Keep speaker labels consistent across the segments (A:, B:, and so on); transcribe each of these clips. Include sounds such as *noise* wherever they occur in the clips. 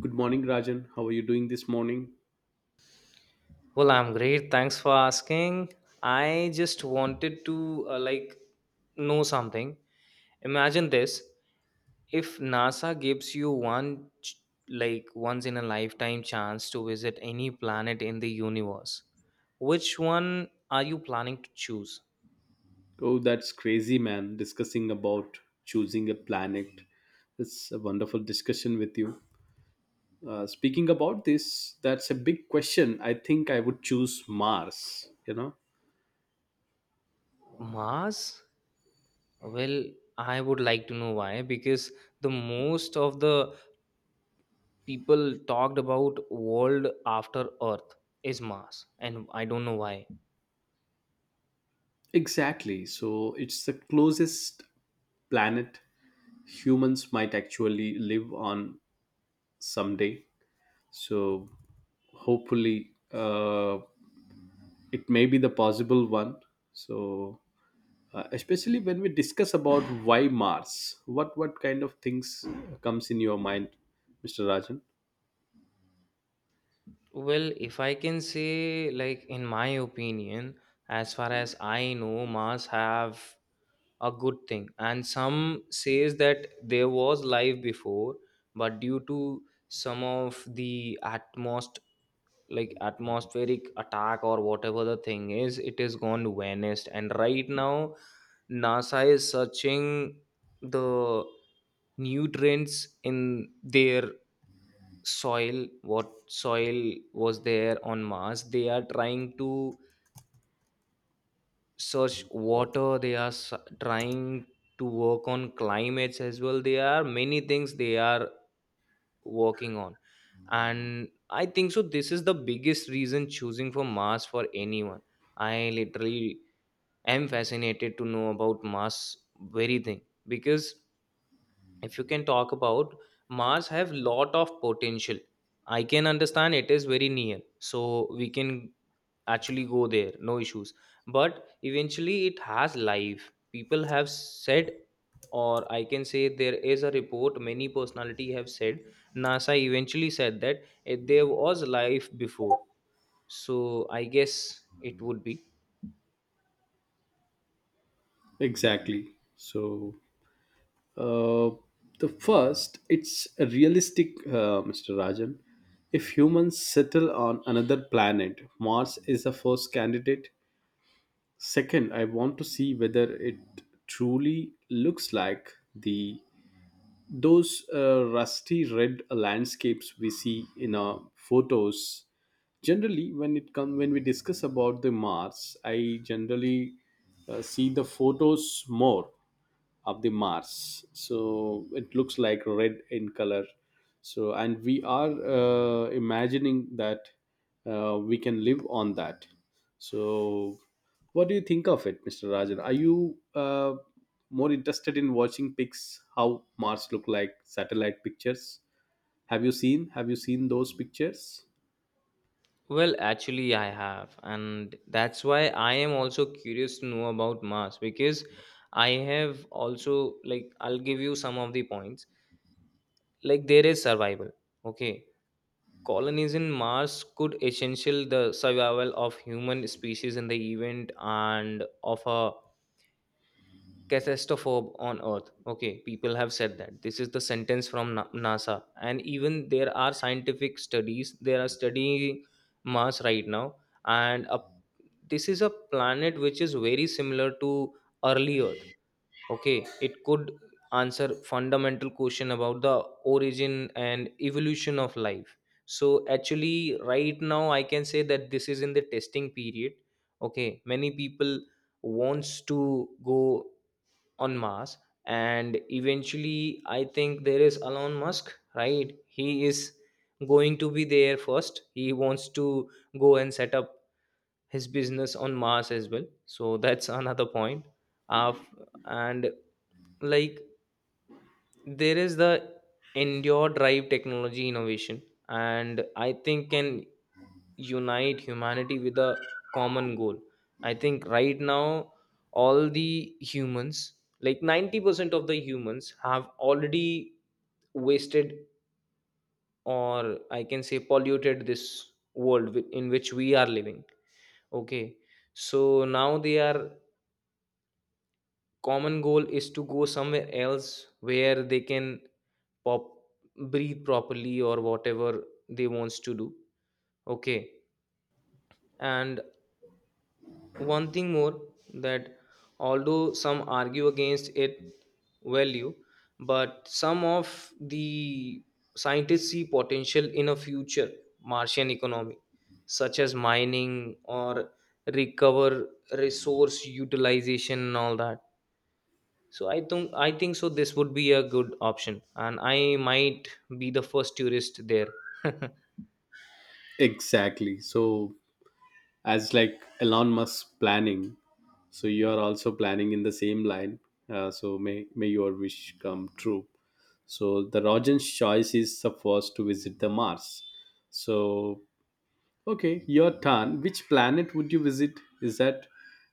A: Good morning, Rajan. How are you doing this morning?
B: Well, I'm great. Thanks for asking. I just wanted to know something. Imagine this. If NASA gives you one ch- like once in a lifetime chance to visit any planet in the universe, which one are you planning to choose?
A: Oh, that's crazy, man. Discussing about choosing a planet. It's a wonderful discussion with you. Speaking about this, that's a big question. I think I would choose Mars, you know?
B: Mars? Well, I would like to know why because the most of the people talked about world after Earth is Mars, and I don't know why.
A: Exactly. So it's the closest planet humans might actually live on someday. So hopefully, it may be the possible one. So especially when we discuss about why mars, what kind of things comes in your mind, mr rajan?
B: Well, if I can say, like, in my opinion, as far as I know, Mars have a good thing. And some says that there was life before, but due to some of the atmosphere, like atmospheric attack or whatever the thing is, it is gone vanished. And right now, NASA is searching the nutrients in their soil. What soil was there on Mars, they are trying to search water. They are trying to work on climates as well. There are many things they are working on, and I think so this is the biggest reason choosing for Mars for anyone. I literally am fascinated to know about Mars very thing, because if you can talk about, Mars have lot of potential. I can understand it is very near, so we can actually go there, no issues. But eventually it has life, people have said. Or I can say, there is a report, many personality have said. NASA eventually said that there was life before, so I guess it would be.
A: Exactly. So uh, the first, it's a realistic, mr rajan, if humans settle on another planet, mars is the first candidate. Second, I want to see whether it truly looks like the those rusty red landscapes we see in our photos. Generally when it come when we discuss about the mars, I generally see the photos more of the Mars. So it looks like red in color. So and we are imagining that we can live on that. So what do you think of it, Mr. Rajan? Are you more interested in watching pics how Mars look like satellite pictures? Have you seen? Have you seen those pictures?
B: Well, actually, I have, and that's why I am also curious to know about Mars, because I have also, like, I'll give you some of the points. Like, there is survival, okay? Colonies in Mars could essential the survival of human species in the event and of a catastrophe on Earth. Okay, people have said that this is the sentence from NASA, and even there are scientific studies, they are studying Mars right now. And this is a planet which is very similar to early Earth. Okay, it could answer fundamental question about the origin and evolution of life. So actually right now I can say that this is in the testing period. Okay, many people wants to go on Mars, and eventually, I think there is Elon Musk, right? He is going to be there first. He wants to go and set up his business on Mars as well. So *laughs* that's another point. Uh, and, like, there is the endure drive technology innovation, and I think can unite humanity with a common goal. I think right now all the humans, like, 90% of the humans have already wasted, or I can say polluted this world in which we are living. Okay, so now their common goal is to go somewhere else where they can pop breathe properly or whatever they wants to do. Okay, and one thing more, that although some argue against it value, but some of the scientists see potential in a future Martian economy, such as mining or recover resource utilization and all that. So I think so this would be a good option, and I might be the first tourist there. *laughs*
A: Exactly. So as like Elon Musk planning, so you are also planning in the same line. So may your wish come true. So the rojan's choice is the first to visit the mars. So okay, your turn, which planet would you visit? Is that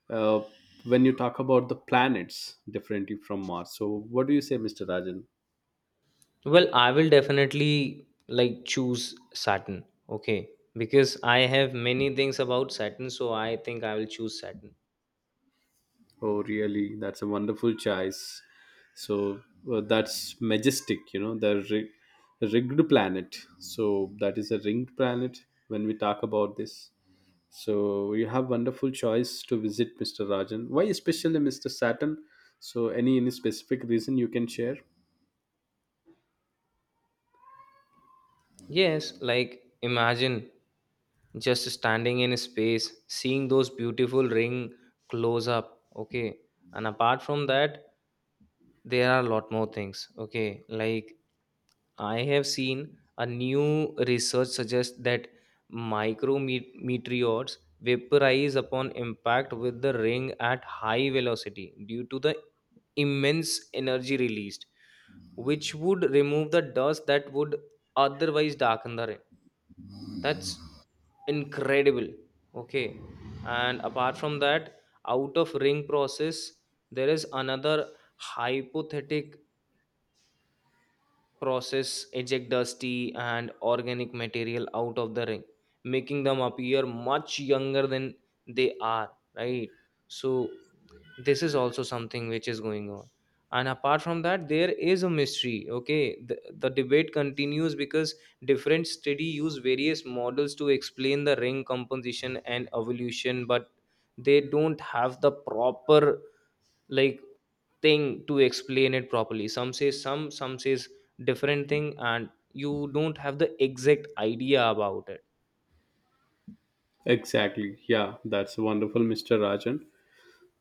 A: uh, when you talk about the planets differently from mars, so what do you say, mr rajan?
B: Well, I will definitely like choose Saturn. Okay. Because I have many things about Saturn, so I think I will choose Saturn.
A: Oh, really? That's a wonderful choice. So that's majestic, you know, the rigged planet. So that is a ringed planet when we talk about this. So you have wonderful choice to visit, Mr. Rajan. Why especially Mr. Saturn? So any specific reason you can share?
B: Yes, like imagine just standing in space, seeing those beautiful ring close up. Okay. And apart from that, there are a lot more things. Okay. Like I have seen a new research suggests that micrometeors vaporize upon impact with the ring at high velocity due to the immense energy released, which would remove the dust that would otherwise darken the ring. That's incredible. Okay. And apart from that, out of ring process, there is another hypothetic process eject dusty and organic material out of the ring, making them appear much younger than they are, right? So this is also something which is going on. And apart from that, there is a mystery. Okay, the debate continues because different study use various models to explain the ring composition and evolution, but they don't have the proper, like, thing to explain it properly. Some say, some says different thing, and you don't have the exact idea about it.
A: Exactly. Yeah, that's wonderful, Mr. Rajan.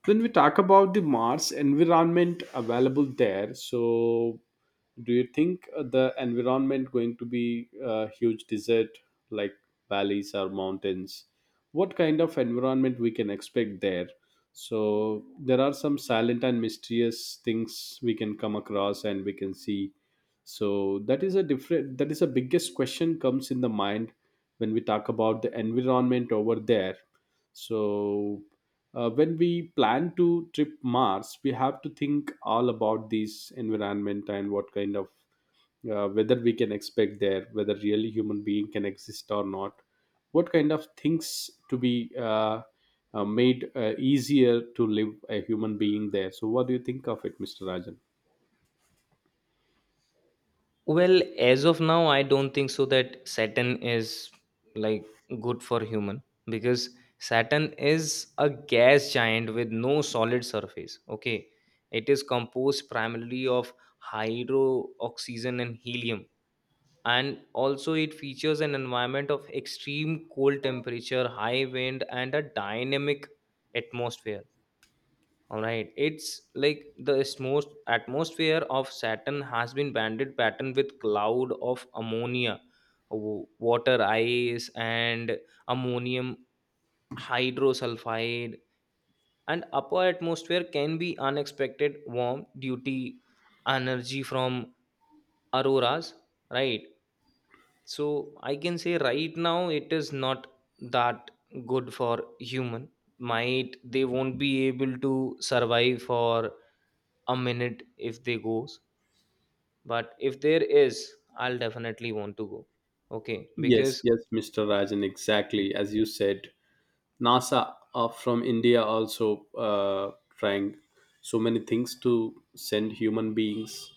A: When we talk about the Mars environment available there, so do you think the environment going to be a huge desert like valleys or mountains? What kind of environment we can expect there? So there are some silent and mysterious things we can come across and we can see. So that is a different. That is the biggest question comes in the mind when we talk about the environment over there. So, when we plan to trip Mars, we have to think all about this environment and what kind of whether we can expect there, whether really human being can exist or not, what kind of things to be made easier to live a human being there. So, what do you think of it, Mr. Rajan?
B: Well, as of now I don't think so that Saturn is, like, good for human, because Saturn is a gas giant with no solid surface. Okay, it is composed primarily of hydro oxygen and helium, and also it features an environment of extreme cold temperature, high wind, and a dynamic atmosphere. All right, it's like the most atmosphere of Saturn has been banded pattern with cloud of ammonia, water ice, and ammonium hydrosulfide. And upper atmosphere can be unexpected warm due to energy from auroras, right? So I can say right now it is not that good for human. Might they won't be able to survive for a minute if they goes, but if there is, I'll definitely want to go. Okay,
A: Yes,
B: because,
A: yes, Mr. Rajan, exactly as you said. NASA from India also trying so many things to send human beings,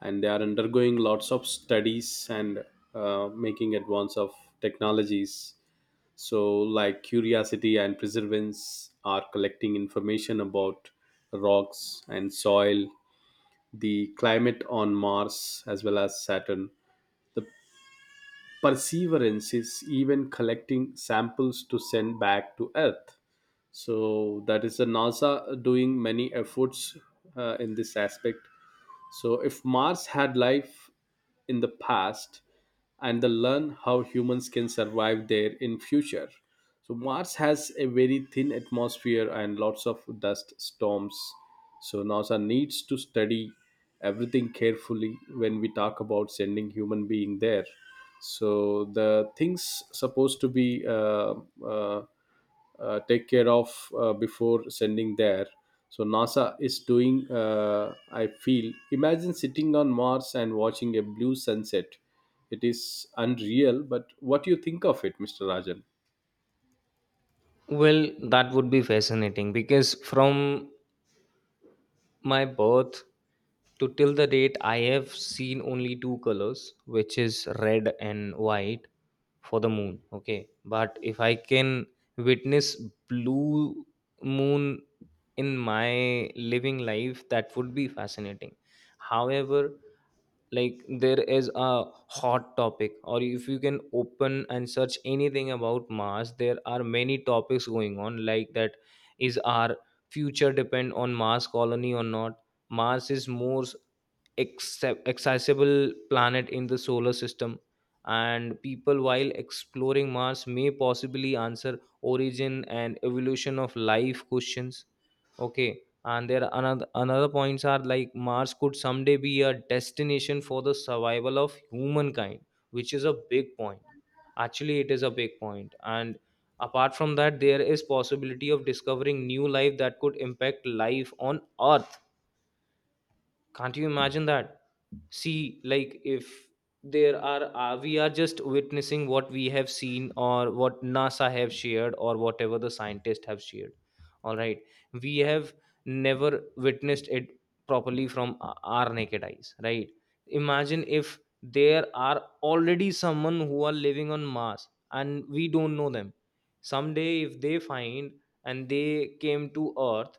A: and they are undergoing lots of studies and making advance of technologies. So, like curiosity and perseverance are collecting information about rocks and soil, the climate on Mars as well as Saturn. The perseverance is even collecting samples to send back to Earth. So that is the nasa doing many efforts in this aspect. So if mars had life in the past, and the learn how humans can survive there in future. So mars has a very thin atmosphere and lots of dust storms, so nasa needs to study everything carefully when we talk about sending human being there. So the things supposed to be uh, take care of before sending there. So nasa is doing, I feel, imagine sitting on mars and watching a blue sunset. It is unreal, but what do you think of it, mr rajan?
B: well, that would be fascinating, because from my birth to till the date, I have seen only two colors, which is red and white for the moon. Okay, but if I can witness blue moon in my living life, that would be fascinating. However, like, there is a hot topic, or if you can open and search anything about Mars, there are many topics going on, like, that is our future depend on Mars colony or not. Mars is more accessible planet in the solar system, and people while exploring Mars may possibly answer origin and evolution of life questions. Okay, and there are another points are like Mars could someday be a destination for the survival of humankind, which is a big point. Actually, it is a big point. And apart from that, there is possibility of discovering new life that could impact life on Earth. Can't you imagine that? See, like, if there are we are just witnessing what we have seen, or what NASA have shared, or whatever the scientists have shared, all right, we have never witnessed it properly from our naked eyes, right? Imagine if there are already someone who are living on Mars and we don't know them. Someday if they find, and they came to Earth,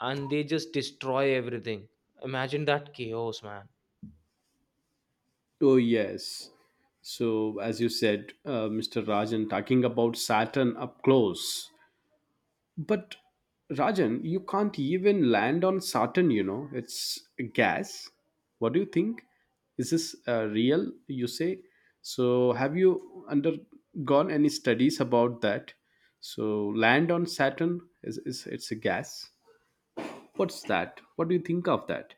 B: and they just destroy everything. Imagine that chaos, man.
A: Oh, yes. So, as you said, Mr. Rajan, talking about Saturn up close. But Rajan, you can't even land on Saturn, you know. It's gas. What do you think? Is this real, you say? So, have you undergone any studies about that? So, land on Saturn is, it's a gas. What's that? What do you think of that?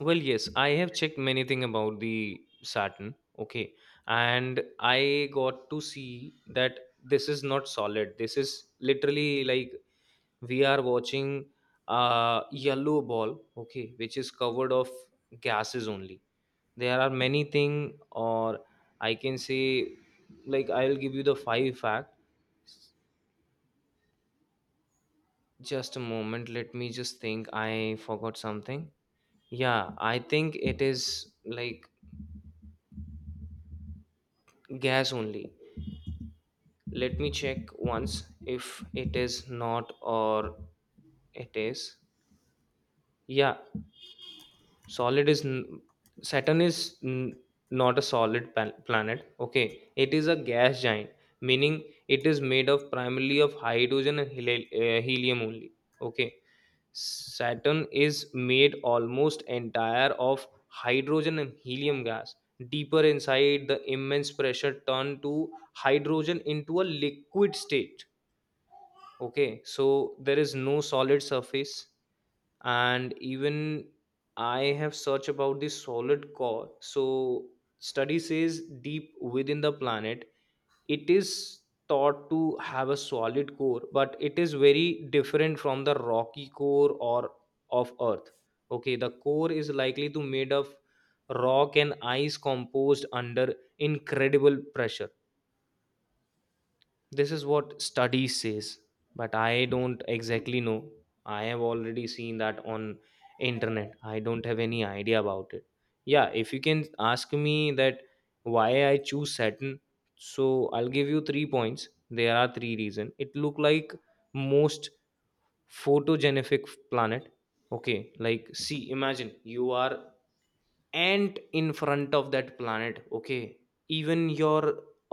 B: Well, yes, I have checked many thing about the Saturn, okay, and I got to see that this is not solid. This is literally like we are watching a yellow ball, okay, which is covered of gases only. There are many thing, or I can say, like, I'll give you the five fact. Just a moment, let me just think. I forgot something. Yeah, I think it is like gas only. Let me check once if it is not or it is. Yeah, solid is n- Saturn is n- not a planet. Okay, it is a gas giant, meaning it is made of primarily of hydrogen and helium only. Okay, Saturn is made almost entire of hydrogen and helium gas. Deeper inside, the immense pressure turned to hydrogen into a liquid state. Okay, so there is no solid surface, and even I have searched about the solid core. So study says deep within the planet, it is thought to have a solid core, but it is very different from the rocky core or of Earth. Okay, the core is likely to made of rock and ice composed under incredible pressure. This is what study says, but I don't exactly know. I have already seen that on internet. I don't have any idea about it. Yeah, if you can ask me that why I choose Saturn, so I'll give you three points. There are three reasons. It look like most photogenic planet. Okay, like, see, imagine you are ant in front of that planet. Okay, even your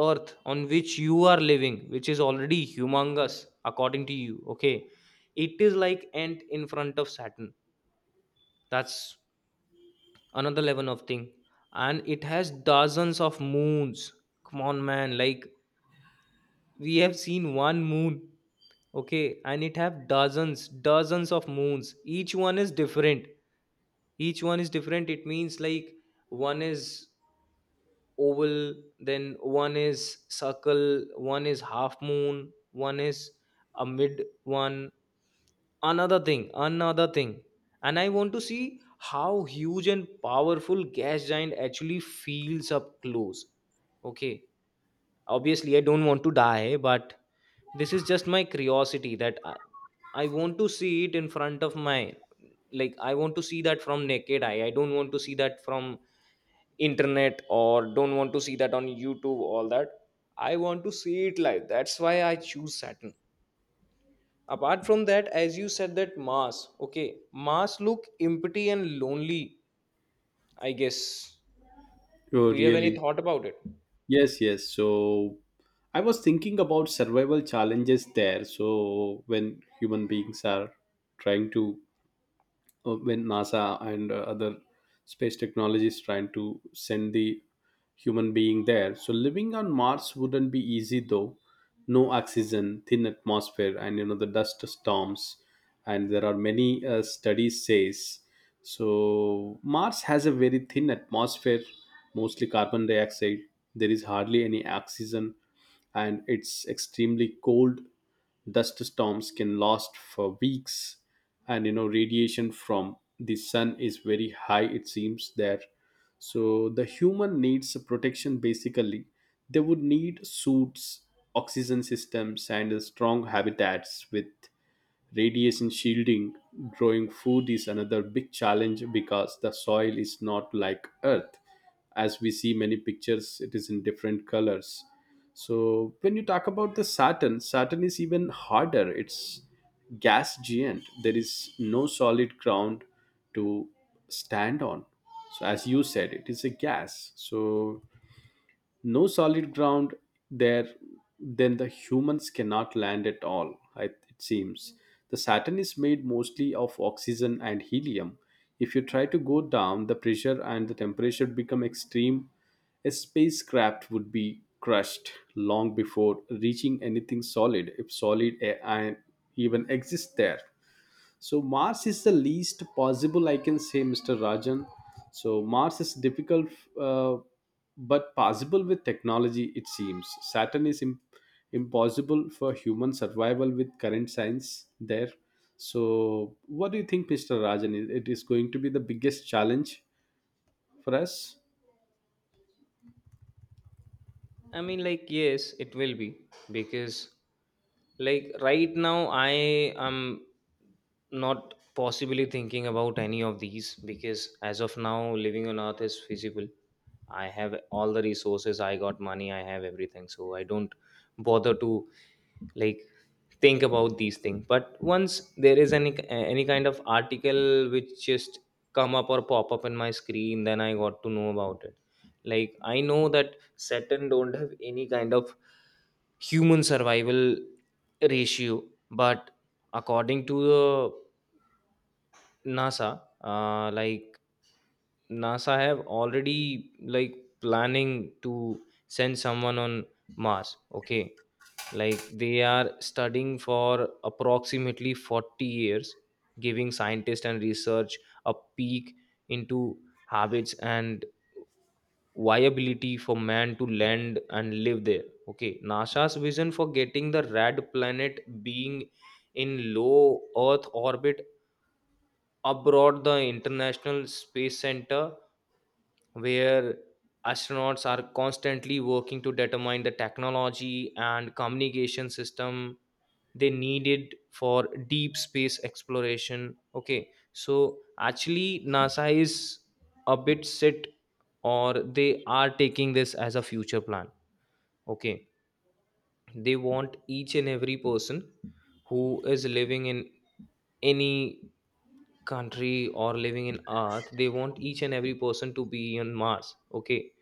B: Earth, on which you are living, which is already humongous according to you, okay, it is like ant in front of Saturn. That's another level of thing. And it has dozens of moons. Come on, man, like, we have seen one moon, okay, and it have dozens of moons. Each one is different. Each one is different. It means, like, one is oval, then one is circle, one is half moon, one is a mid one. Another thing, another thing, and I want to see how huge and powerful gas giant actually feels up close. Okay, obviously I don't want to die, but this is just my curiosity, that I want to see it in front of my, like, I want to see that from naked eye. I don't want to see that from internet, or don't want to see that on YouTube, all that. I want to see it live. That's why I choose Saturn. Apart from that, as you said that Mars, okay, Mars look empty and lonely, I guess.
A: Oh,
B: Do you have any
A: really?
B: thought about it?
A: Yes, yes. So, I was thinking about survival challenges there. So, when human beings are trying to when NASA and other space technologies trying to send the human being there. So living on Mars wouldn't be easy though. No oxygen, thin atmosphere, and you know the dust storms, and there are many studies says. So Mars has a very thin atmosphere, mostly carbon dioxide. There is hardly any oxygen, and it's extremely cold. Dust storms can last for weeks, and you know radiation from the sun is very high, it seems there. So the human needs protection basically. They would need suits, oxygen systems, and strong habitats with radiation shielding. Growing food is another big challenge because the soil is not like earth. As we see many pictures, it is in different colors. So when you talk about the saturn, saturn is even harder. It's gas giant. There is no solid ground to stand on. So as you said, it is a gas, so no solid ground there. Then the humans cannot land at all, it seems. The saturn is made mostly of oxygen and helium. If you try to go down, the pressure and the temperature become extreme. A spacecraft would be crushed long before reaching anything solid, if solid and even exists there. So Mars is the least possible, I can say, Mr. Rajan. So Mars is difficult, uh, but possible with technology, it seems. Saturn is impossible for human survival with current science there. So, what do you think, Mr. Rajan? It is going to be the biggest challenge for us.
B: I mean, like, yes, it will be because, like, right now I am not possibly thinking about any of these, because as of now living on Earth is feasible. I have all the resources, I got money, I have everything. So I don't bother to, like, think about these things. But once there is any kind of article which just come up or pop up in my screen, then I got to know about it. Like, I know that Saturn don't have any kind of human survival ratio, but according to the NASA, like NASA have already, like, planning to send someone on Mars. Okay, like they are studying for approximately 40 years, giving scientists and research a peek into habits and viability for man to land and live there. Okay, NASA's vision for getting the red planet being in low Earth orbit abroad the International Space Center, where astronauts are constantly working to determine the technology and communication system they needed for deep space exploration. Okay, so actually NASA is a bit set, or they are taking this as a future plan. Okay, they want each and every person who is living in any country or living in Earth, they want each and every person to be on Mars. Okay,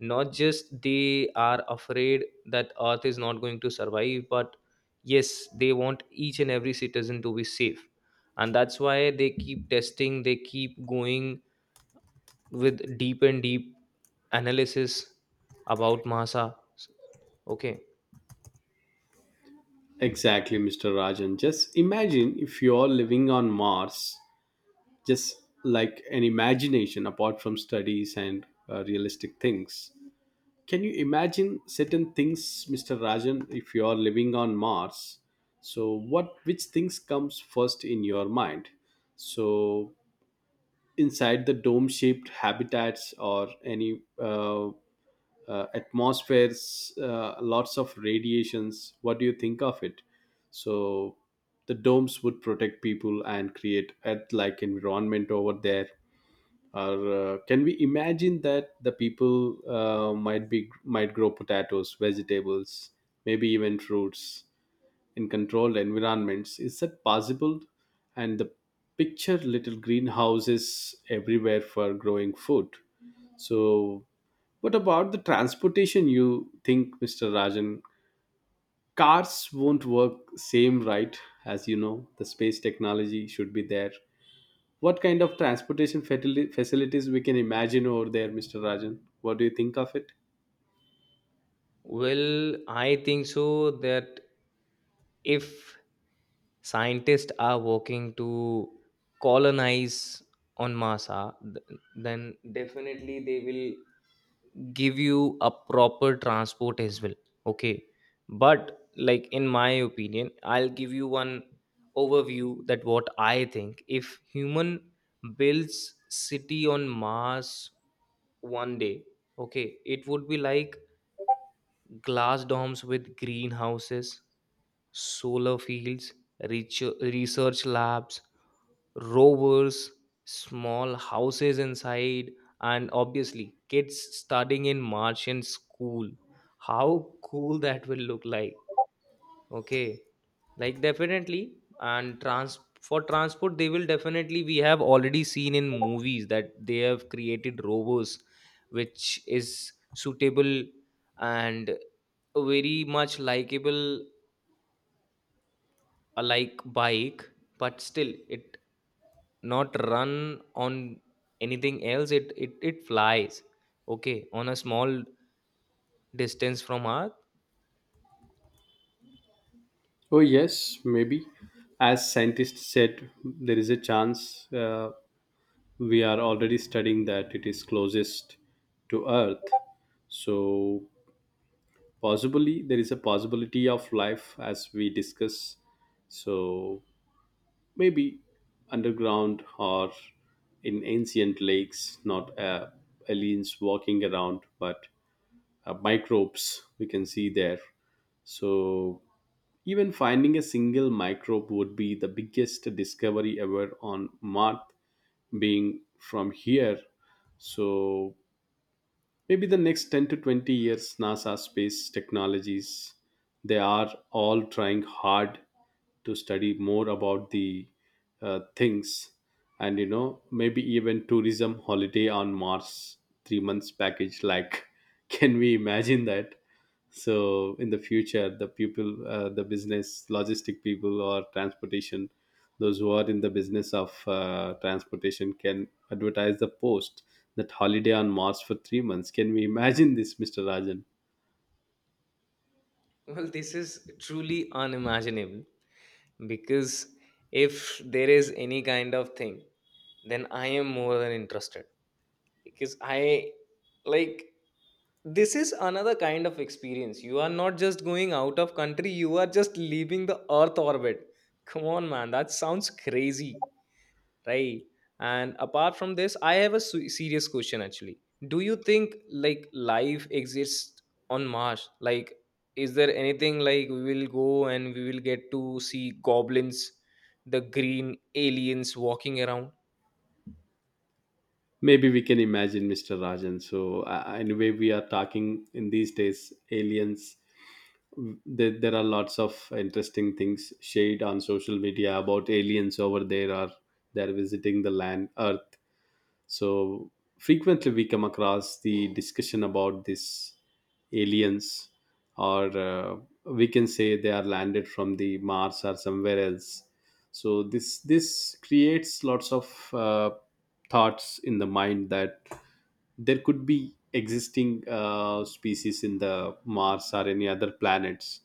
B: not just they are afraid that Earth is not going to survive, but yes, they want each and every citizen to be safe, and that's why they keep testing, they keep going with deep and deep analysis about masa. Okay.
A: Exactly, Mr. Rajan. Just imagine if you're living on Mars, just like an imagination apart from studies and realistic things. Can you imagine certain things, Mr. Rajan, if you are living on Mars? So what which things comes first in your mind? So inside the dome-shaped habitats or any atmospheres, lots of radiations. What do you think of it? So the domes would protect people and create Earth-like environment over there, or can we imagine that the people might grow potatoes, vegetables, maybe even fruits in controlled environments? Is that possible? And the picture little greenhouses everywhere for growing food. So what about the transportation, you think, mr rajan? Cars won't work same, right? As you know, the space technology should be there. What kind of transportation facilities we can imagine over there, Mr. Rajan? What do you think of it?
B: Well, I think so that if scientists are working to colonize on masa, then definitely they will give you a proper transport as well. Okay, but like, in my opinion, I'll give you one overview that what I think. If human builds city on Mars one day, okay, it would be like glass domes with greenhouses, solar fields, research labs, rovers, small houses inside, and obviously kids studying in Martian school. How cool that will look like. Okay. Like definitely, and trans for transport they will definitely, we have already seen in movies that they have created rovers which is suitable and very much likable, a like bike, but still it not run on anything else, it flies, okay, on a small distance from Earth.
A: Oh yes, maybe. As scientists said, there is a chance, we are already studying that it is closest to Earth. So possibly there is a possibility of life as we discuss. So maybe underground or in ancient lakes, not aliens walking around, but microbes we can see there. So, even finding a single microbe would be the biggest discovery ever on Mars, being from here. So, maybe the next 10 to 20 years, NASA space technologies, they are all trying hard to study more about the things. And you know, maybe even tourism, holiday on mars, 3 months package, like, *laughs* can we imagine that? So in the future, the people the business logistic people or transportation, those who are in the business of transportation can advertise the post that holiday on Mars for 3 months. Can we imagine this, Mr. Rajan?
B: *laughs* Well, this is truly unimaginable, because if there is any kind of thing then I am more than interested, because I, like, this is another kind of experience. You are not just going out of country, you are just leaving the Earth orbit. Come on, man, that sounds crazy, right? And apart from this, I have a serious question actually. Do you think, like, life exists on Mars, like, is there anything, like, we will go and we will get to see goblins, the green aliens walking around?
A: Maybe we can imagine, Mr. Rajan. So, anyway, we are talking in these days aliens. There are lots of interesting things shared on social media about aliens over there, or they're visiting the land Earth. So frequently we come across the discussion about these aliens, or we can say they are landed from the Mars or somewhere else. So this creates lots of thoughts in the mind that there could be existing species in the mars or any other planets.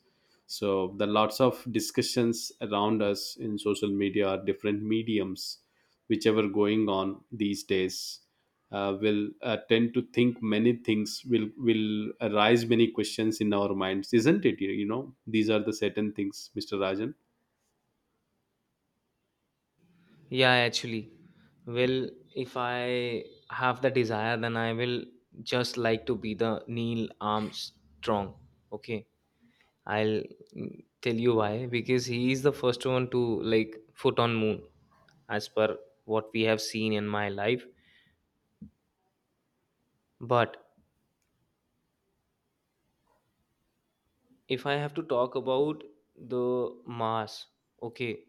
A: So the lots of discussions around us in social media or different mediums whichever going on these days, will tend to think many things, will arise many questions in our minds, isn't it? You know, these are the certain things, mr rajan.
B: Yeah, actually, well, if I have the desire, then I will just like to be the Neil Armstrong. Okay, I'll, tell you why, because he is the first one to, like, foot on moon as per what we have seen in my life. But if I have to talk about the Mars, okay,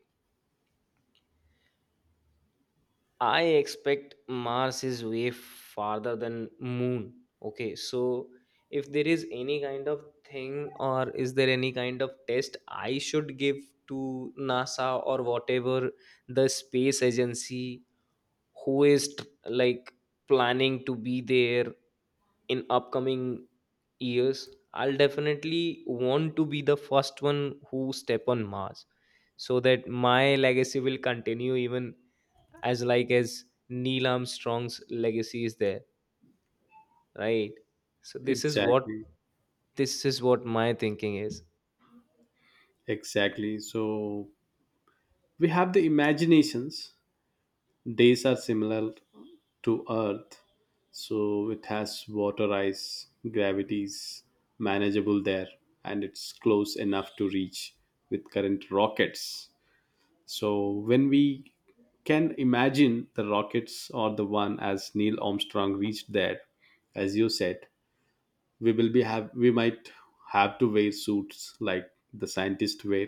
B: I expect Mars is way farther than moon. Okay, so if there is any kind of thing, or is there any kind of test I should give to NASA or whatever the space agency who is like planning to be there in upcoming years, I'll definitely want to be the first one who step on Mars, so that my legacy will continue, even as like as Neil Armstrong's legacy is there, right? So this is what,
A: Exactly.
B: this is what my thinking is.
A: Exactly. So we have the imaginations. Days are similar to Earth. So it has water ice, gravities manageable there, and it's close enough to reach with current rockets. So when we can imagine the rockets or the one as Neil Armstrong reached there, as you said, we might have to wear suits like the scientists wear,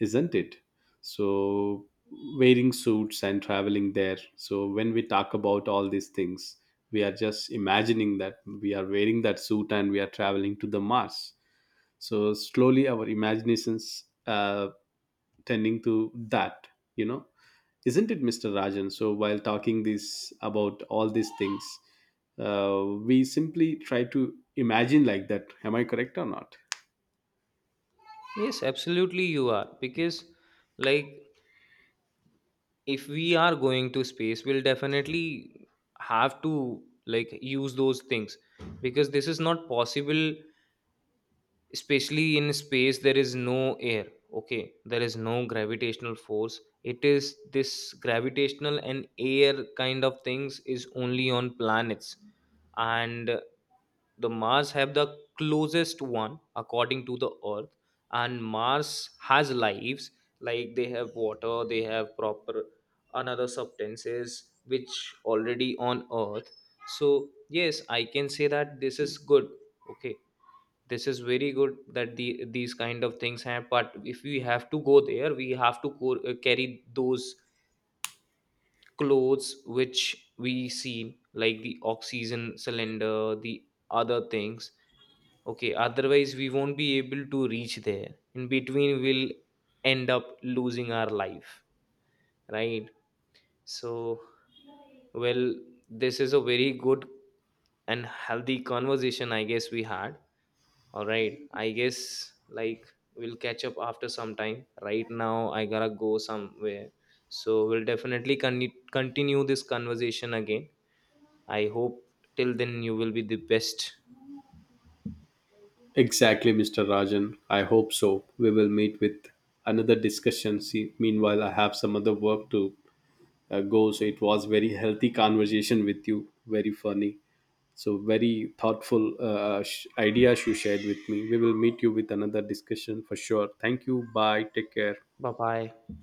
A: isn't it? So, wearing suits and traveling there. So, when we talk about all these things, we are just imagining that we are wearing that suit and we are traveling to the Mars. So, slowly our imaginations tending to that, you know. Isn't it, Mr. Rajan? So, while talking this about all these things, we simply try to imagine like that. Am I correct or not?
B: Yes, absolutely you are, because, like, if we are going to space, we'll definitely have to, like, use those things, because this is not possible. Especially in space there is no air, okay, there is no gravitational force. It is this gravitational and air kind of things is only on planets. And the Mars have the closest one according to the Earth, and Mars has lives, like they have water, they have proper another substances which already on Earth. So yes, I can say that this is good. Okay, this is very good that the these kind of things happen. But if we have to go there, we have to carry those clothes which we see, like the oxygen cylinder, the other things. Okay, otherwise we won't be able to reach there, in between we'll end up losing our life, right? So, well, this is a very good and healthy conversation, I guess we had. All right, I guess, like, we'll catch up after some time. Right now, I gotta go somewhere. So we'll definitely continue this conversation again. I hope till then you will be the best.
A: Exactly, Mr. Rajan. I hope so. We will meet with another discussion. See, meanwhile, I have some other work to go. So it was very healthy conversation with you. Very funny. So very thoughtful ideas you shared with me. We will meet you with another discussion for sure. Thank you. Bye. Take care.
B: Bye bye.